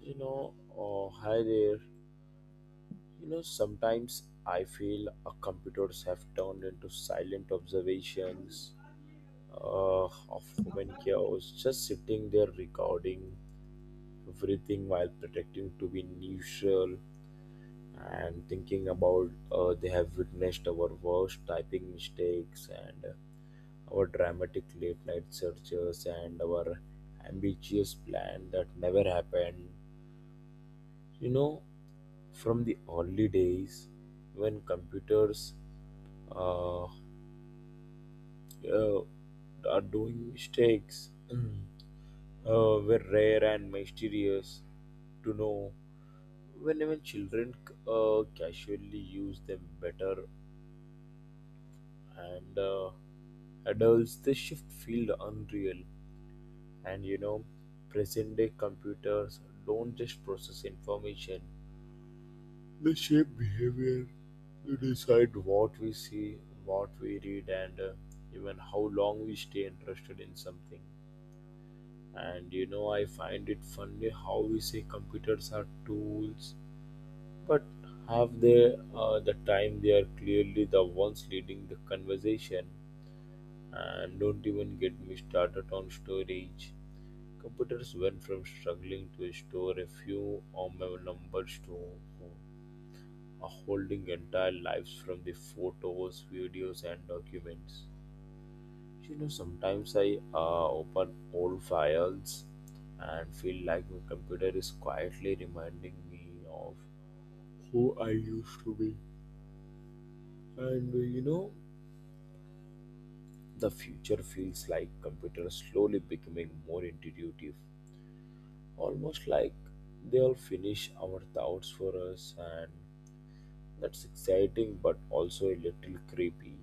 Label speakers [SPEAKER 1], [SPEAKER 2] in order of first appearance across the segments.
[SPEAKER 1] You know, oh, hi there. You know, sometimes I feel our computers have turned into silent observations uh, of human chaos, just sitting there recording everything while pretending to be neutral and thinking about they have witnessed our worst typing mistakes and our dramatic late night searches and our ambitious plan that never happened. You know, from the early days when computers uh, uh, are doing mistakes, were rare and mysterious to know when even children casually use them better and adults they shift feel unreal. And you know, present day computers don't just process information. They shape behavior, they decide what we see, what we read, and even how long we stay interested in something. And you know, I find it funny how we say computers are tools, but have they the time they are clearly the ones leading the conversation. And don't even get me started on storage. Computers went from struggling to store a few or numbers to are holding entire lives from the photos, videos, and documents. You know, sometimes I open old files and feel like my computer is quietly reminding me of who I used to be. And you know, the future feels like computers slowly becoming more intuitive, almost like they'll finish our thoughts for us, and that's exciting but also a little creepy.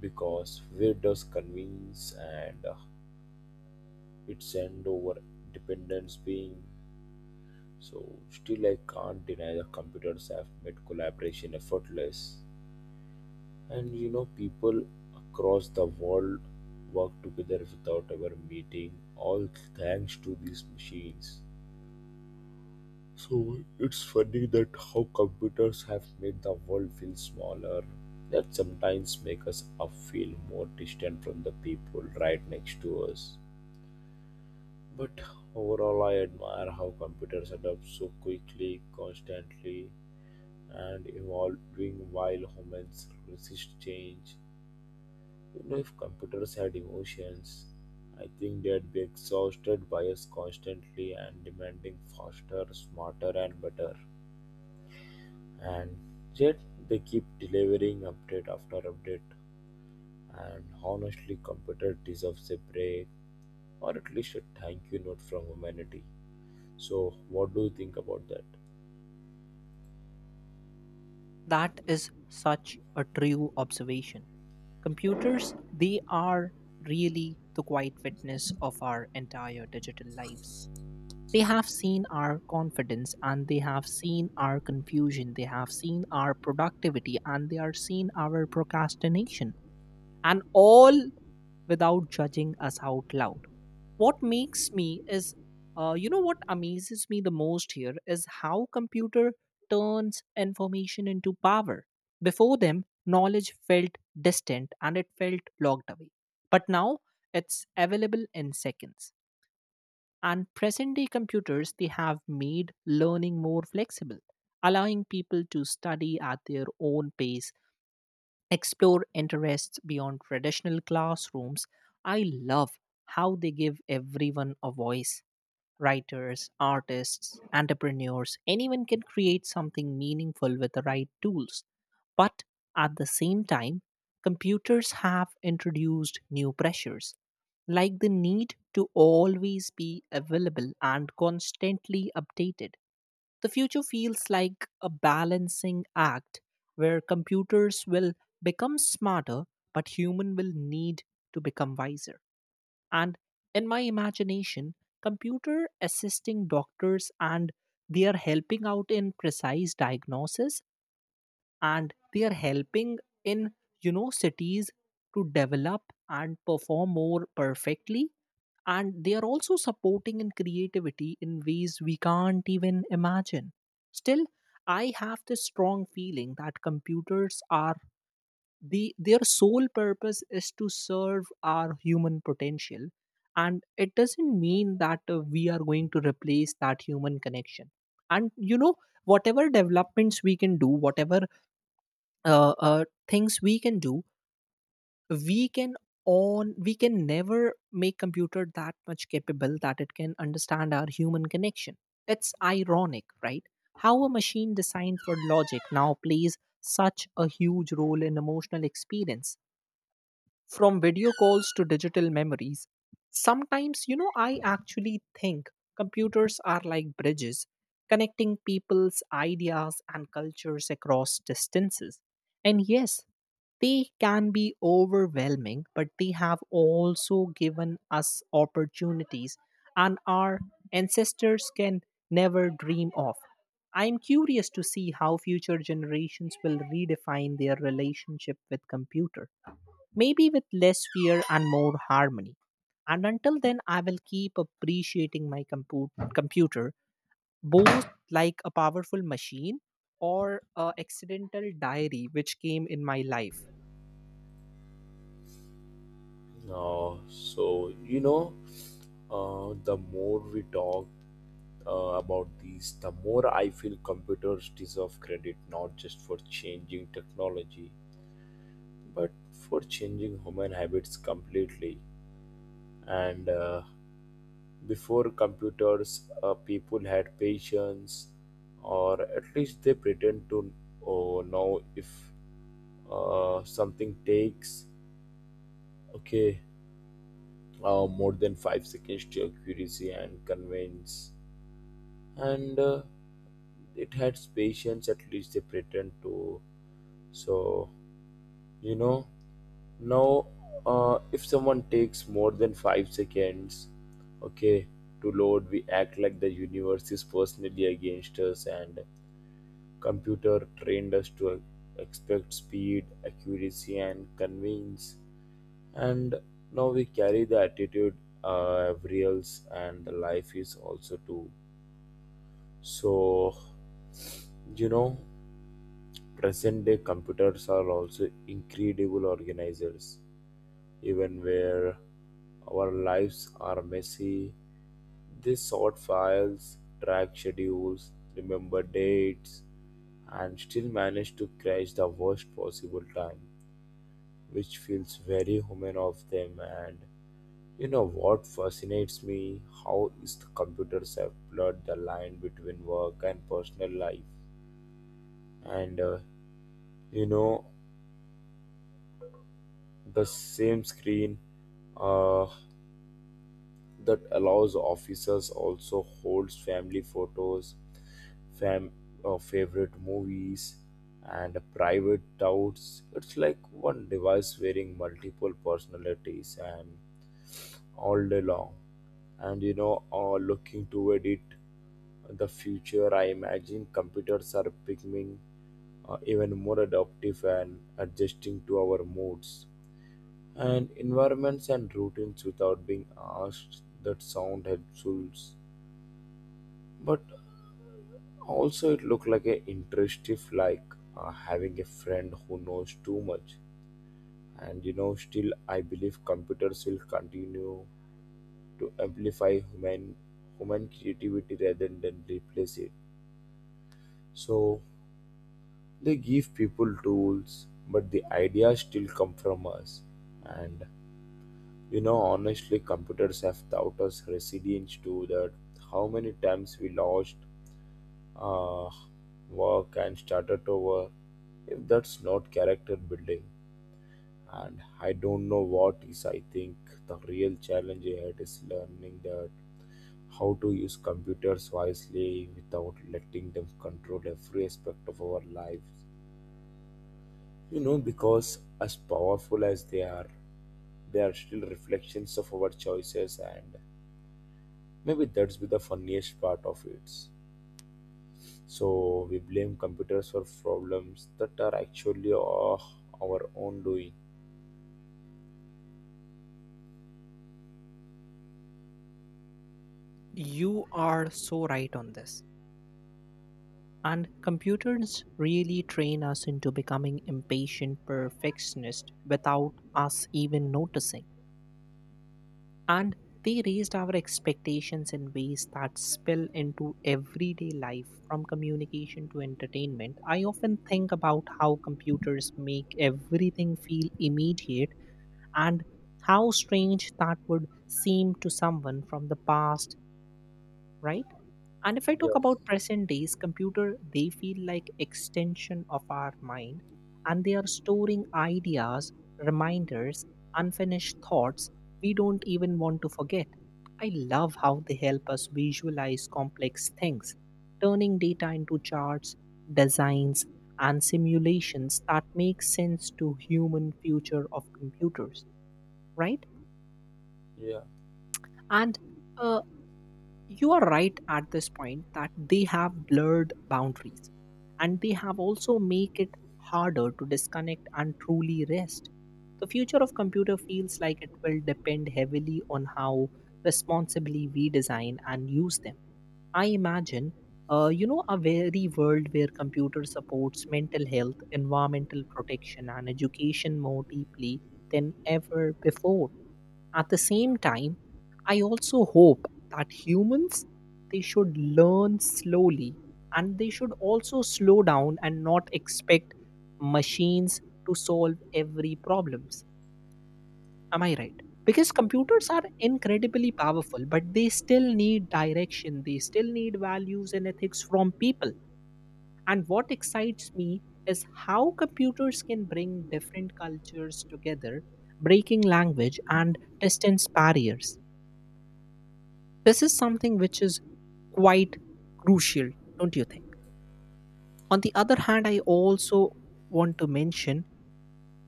[SPEAKER 1] Because fear does convince and it send over dependence being so still I can't deny that computers have made collaboration effortless. And you know, people across the world work together without ever meeting all thanks to these machines. So it's funny that how computers have made the world feel smaller, that sometimes make us feel more distant from the people right next to us. But overall, I admire how computers adapt so quickly, constantly, and evolving while humans resist change. You know, if computers had emotions, I think they'd be exhausted by us constantly and demanding faster, smarter, and better. And yet, they keep delivering update after update. And honestly, computer deserves a break or at least a thank you note from humanity. So, what do you think about that?
[SPEAKER 2] That is such a true observation. Computers, they are really the quiet witness of our entire digital lives. They have seen our confidence and they have seen our confusion. They have seen our productivity and they are seen our procrastination. And all without judging us out loud. What makes me is, what amazes me the most here is how computer turns information into power. Before them, knowledge felt distant and it felt locked away, but now it's available in seconds. And present day computers, they have made learning more flexible, allowing people to study at their own pace explore interests beyond traditional classrooms. I love how they give everyone a voice. Writers, artists, entrepreneurs, anyone can create something meaningful with the right tools. But at the same time, computers have introduced new pressures, like the need to always be available and constantly updated. The future feels like a balancing act where computers will become smarter, but human will need to become wiser. And in my imagination, computer assisting doctors and they are helping out in precise diagnosis and they are helping in cities to develop and perform more perfectly, and they are also supporting in creativity in ways we can't even imagine. Still, I have this strong feeling that computers are the their sole purpose is to serve our human potential. And it doesn't mean that we are going to replace that human connection. And whatever developments we can do, whatever uh, uh, things we can do, we can on we can never make computer that much capable that it can understand our human connection. It's ironic, right? How a machine designed for logic now plays such a huge role in emotional experience, from video calls to digital memories. Sometimes, I actually think computers are like bridges connecting people's ideas and cultures across distances. And yes, they can be overwhelming, but they have also given us opportunities and our ancestors can never dream of. I am curious to see how future generations will redefine their relationship with computer, maybe with less fear and more harmony. And until then, I will keep appreciating my computer, both like a powerful machine or a accidental diary which came in my life.
[SPEAKER 1] So you know, the more we talk about these, the more I feel computers deserve credit not just for changing technology, but for changing human habits completely. And before computers, people had patience, or at least they pretend to. Oh, know if something takes. Okay, more than 5 seconds to your curiosity and convince. And it had patience, at least they pretend to. So, you know, now if someone takes more than 5 seconds, okay, to load, we act like the universe is personally against us and computer trained us to expect speed, accuracy, and convenience. And now we carry the attitude every else and the life is also too. So you know, present day computers are also incredible organizers, even where our lives are messy. They sort files, track schedules, remember dates, and still manage to crash the worst possible time, which feels very human of them. And you know what fascinates me? How is the computers have blurred the line between work and personal life. And you know, the same screen uh, that allows officers also holds family photos, fam favorite movies, and private doubts. It's like one device wearing multiple personalities and all day long. And you know, looking to edit the future, I imagine computers are becoming even more adaptive and adjusting to our moods and environments and routines without being asked. That sound helpful, but also it looked like a interesting, like having a friend who knows too much. And you know, still I believe computers will continue to amplify human creativity rather than replace it. So they give people tools, but the ideas still come from us. And you know, honestly, computers have taught us resilience to that. How many times we lost uh, work and started over? If that's not character building, and I don't know what is. I think the real challenge ahead is learning that how to use computers wisely without letting them control every aspect of our lives. You know, because as powerful as they are still reflections of our choices, and maybe that's be the funniest part of it. So we blame computers for problems that are actually of our own doing.
[SPEAKER 2] You are so right on this. And computers really train us into becoming impatient perfectionists without us even noticing. And they raised our expectations in ways that spill into everyday life, from communication to entertainment. I often think about how computers make everything feel immediate, and how strange that would seem to someone from the past, right? And if I talk
[SPEAKER 1] Yes,
[SPEAKER 2] about present days, computer they feel like extension of our mind, and they are storing ideas, reminders, unfinished thoughts we don't even want to forget. I love how they help us visualize complex things, turning data into charts, designs and simulations that make sense to human future of computers, right?
[SPEAKER 1] yeah,
[SPEAKER 2] And uh, you are right at this point that they have blurred boundaries, and they have also make it harder to disconnect and truly rest. The future of computer feels like it will depend heavily on how responsibly we design and use them. I imagine, a very world where computer supports mental health, environmental protection and education more deeply than ever before. At the same time, I also hope that humans they should learn slowly, and they should also slow down and not expect machines to solve every problems. Am I right? Because computers are incredibly powerful, but they still need direction. They still need values and ethics from people. And what excites me is how computers can bring different cultures together, breaking language and distance barriers. This is something which is quite crucial, don't you think? On the other hand, I also want to mention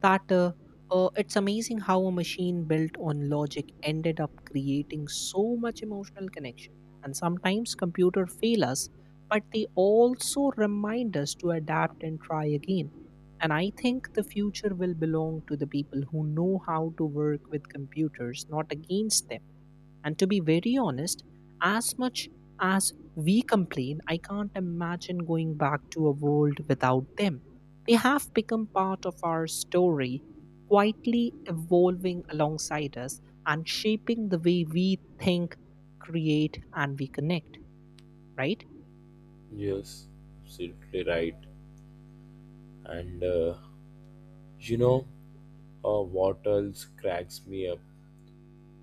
[SPEAKER 2] that it's amazing how a machine built on logic ended up creating so much emotional connection. And sometimes computer fail us, but they also remind us to adapt and try again. And I think the future will belong to the people who know how to work with computers, not against them. And to be very honest, as much as we complain, I can't imagine going back to a world without them. They have become part of our story, quietly evolving alongside us and shaping the way we think, create, and we connect, right?
[SPEAKER 1] yes, absolutely right. And you know, what else cracks me up?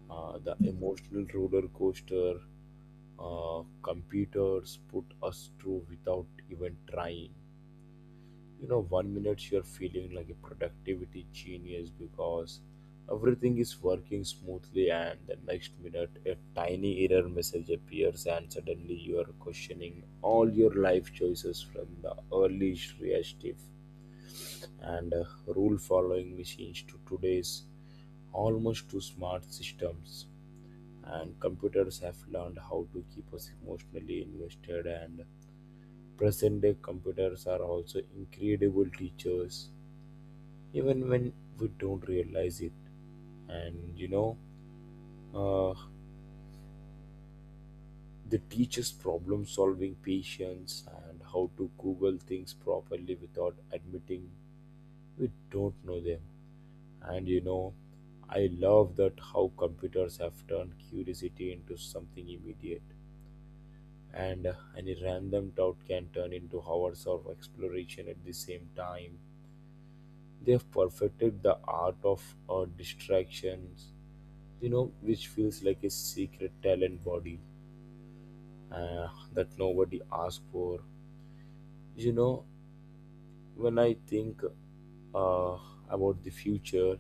[SPEAKER 1] The emotional roller coaster computers put us through without even trying. You know, one minute you're feeling like a productivity genius because everything is working smoothly, and the next minute a tiny error message appears and suddenly you are questioning all your life choices from the early reactive and rule following machines to today's almost too smart systems. And computers have learned how to keep us emotionally invested. And present day computers are also incredible teachers, even when we don't realize it. And you know, uh, they teach us problem solving patience and how to Google things properly without admitting we don't know them. And you know, I love that how computers have turned curiosity into something immediate. And any random doubt can turn into hours of exploration at the same time. They have perfected the art of distractions, you know, which feels like a secret talent body uh, that nobody asked for. You know, when I think uh, about the future,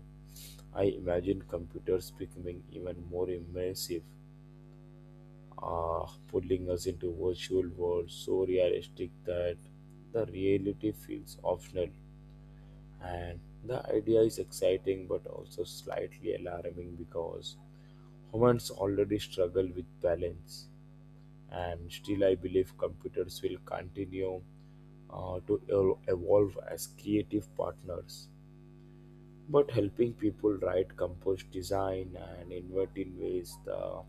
[SPEAKER 1] I imagine computers becoming even more immersive, pulling us into virtual worlds so realistic that the reality feels optional. And the idea is exciting but also slightly alarming because humans already struggle with balance. And still I believe computers will continue to evolve as creative partners, but helping people write, compose, design and invent in ways the,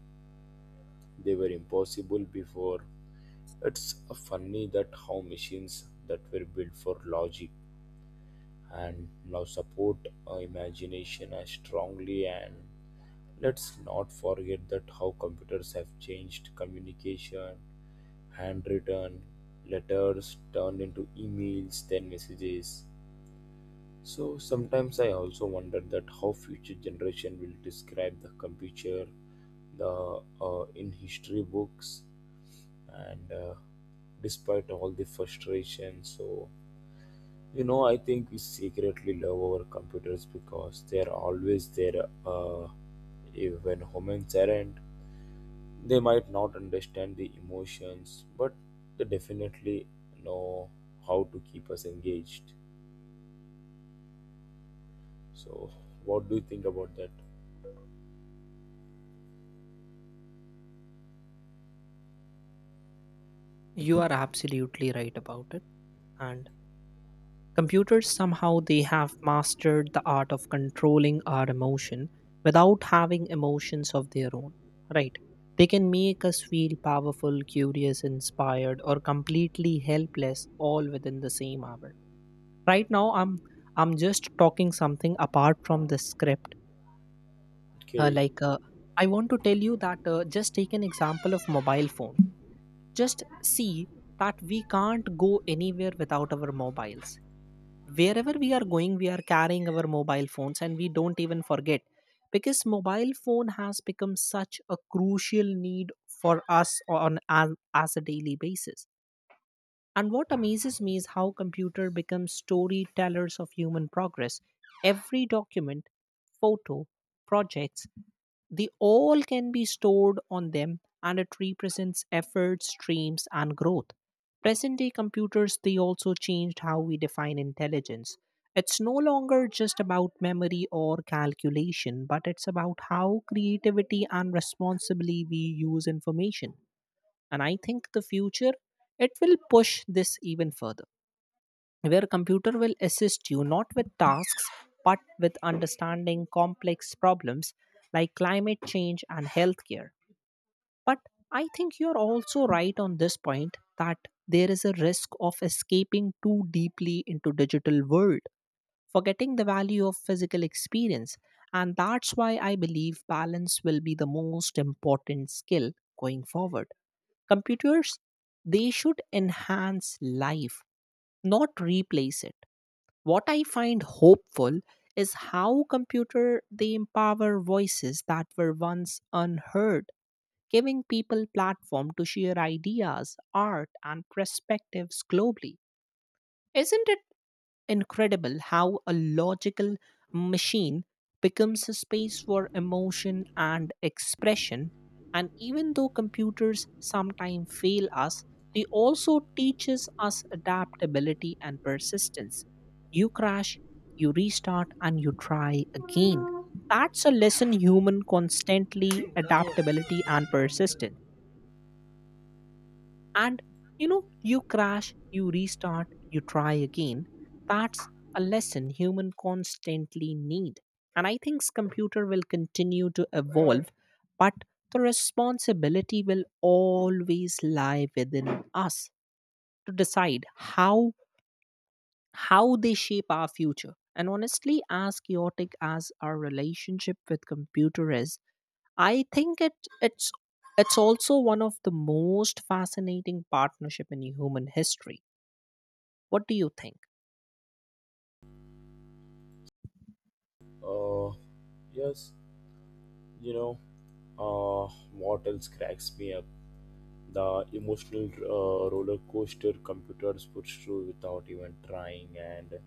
[SPEAKER 1] they were impossible before. It's funny that how machines that were built for logic and now support imagination as strongly. And let's not forget that how computers have changed communication. Handwritten letters turned into emails, then messages. So sometimes I also wonder that how future generation will describe the computer, the in history books. And despite all the frustration, so you know, I think we secretly love our computers because they are always there, even humans aren't. They might not understand the emotions, but they definitely know how to keep us engaged. So, what do you think about that?
[SPEAKER 2] You are absolutely right about it. And computers somehow they have mastered the art of controlling our emotion without having emotions of their own, right? They can make us feel powerful, curious, inspired, or completely helpless all within the same hour. Right now, I'm just talking something apart from the script. Uh,
[SPEAKER 1] Okay,
[SPEAKER 2] like uh, I want to tell you that just take an example of mobile phone. Just see that we can't go anywhere without our mobiles, wherever we are going we are carrying our mobile phones, and we don't even forget, because mobile phone has become such a crucial need for us on as a daily basis. And what amazes me is how computer becomes storytellers of human progress. Every document, photo, projects the all can be stored on them, and it represents efforts, dreams, and growth. Present day computers, they also changed how we define intelligence. It's no longer just about memory or calculation, but it's about how creativity and responsibly we use information. And I think the future, it will push this even further, where computer will assist you not with tasks but with understanding complex problems like climate change and healthcare. But I think you're also right on this point that there is a risk of escaping too deeply into digital world, forgetting the value of physical experience. And that's why I believe balance will be the most important skill going forward. Computers they should enhance life, not replace it. What I find hopeful is how computer they empower voices that were once unheard, giving people platform to share ideas, art and perspectives globally. Isn't it incredible how a logical machine becomes a space for emotion and expression. And even though computers sometimes fail us, they also teaches us adaptability and persistence. You crash, you restart, and you try again. That's a lesson human constantly adaptability and persistence. And you crash, you restart, you try again. That's a lesson human constantly need. And I think computer will continue to evolve, but the responsibility will always lie within us to decide how they shape our future. And honestly, as chaotic as our relationship with computer is, I think it it's it's also one of the most fascinating partnership in human history. What do you think?
[SPEAKER 1] uh, yes, you know, what else cracks me up? The emotional roller coaster computers puts through without even trying, and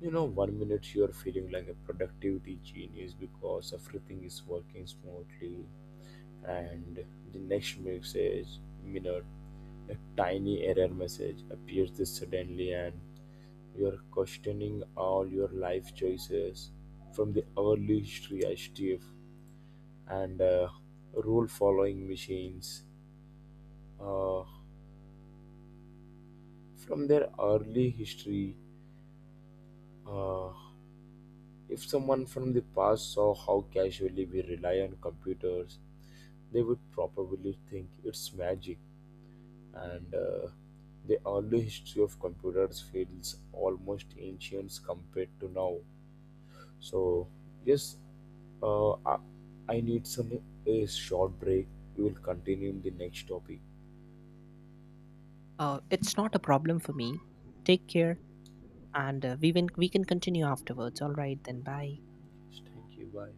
[SPEAKER 1] you know, one minute you're feeling like a productivity genius because everything is working smoothly, and the next minute, a tiny error message appears suddenly, and you're questioning all your life choices from the hourly shift and rule following machines uh, from their early history. Uh, if someone from the past saw how casually we rely on computers, they would probably think it's magic. And the early history of computers feels almost ancient compared to now. So, yes, uh, I, I need some a short break. We will continue in the next topic.
[SPEAKER 2] It's not a problem for me. Take care, and we will, we can continue afterwards. All right, then. Bye.
[SPEAKER 1] Yes, thank you. Bye.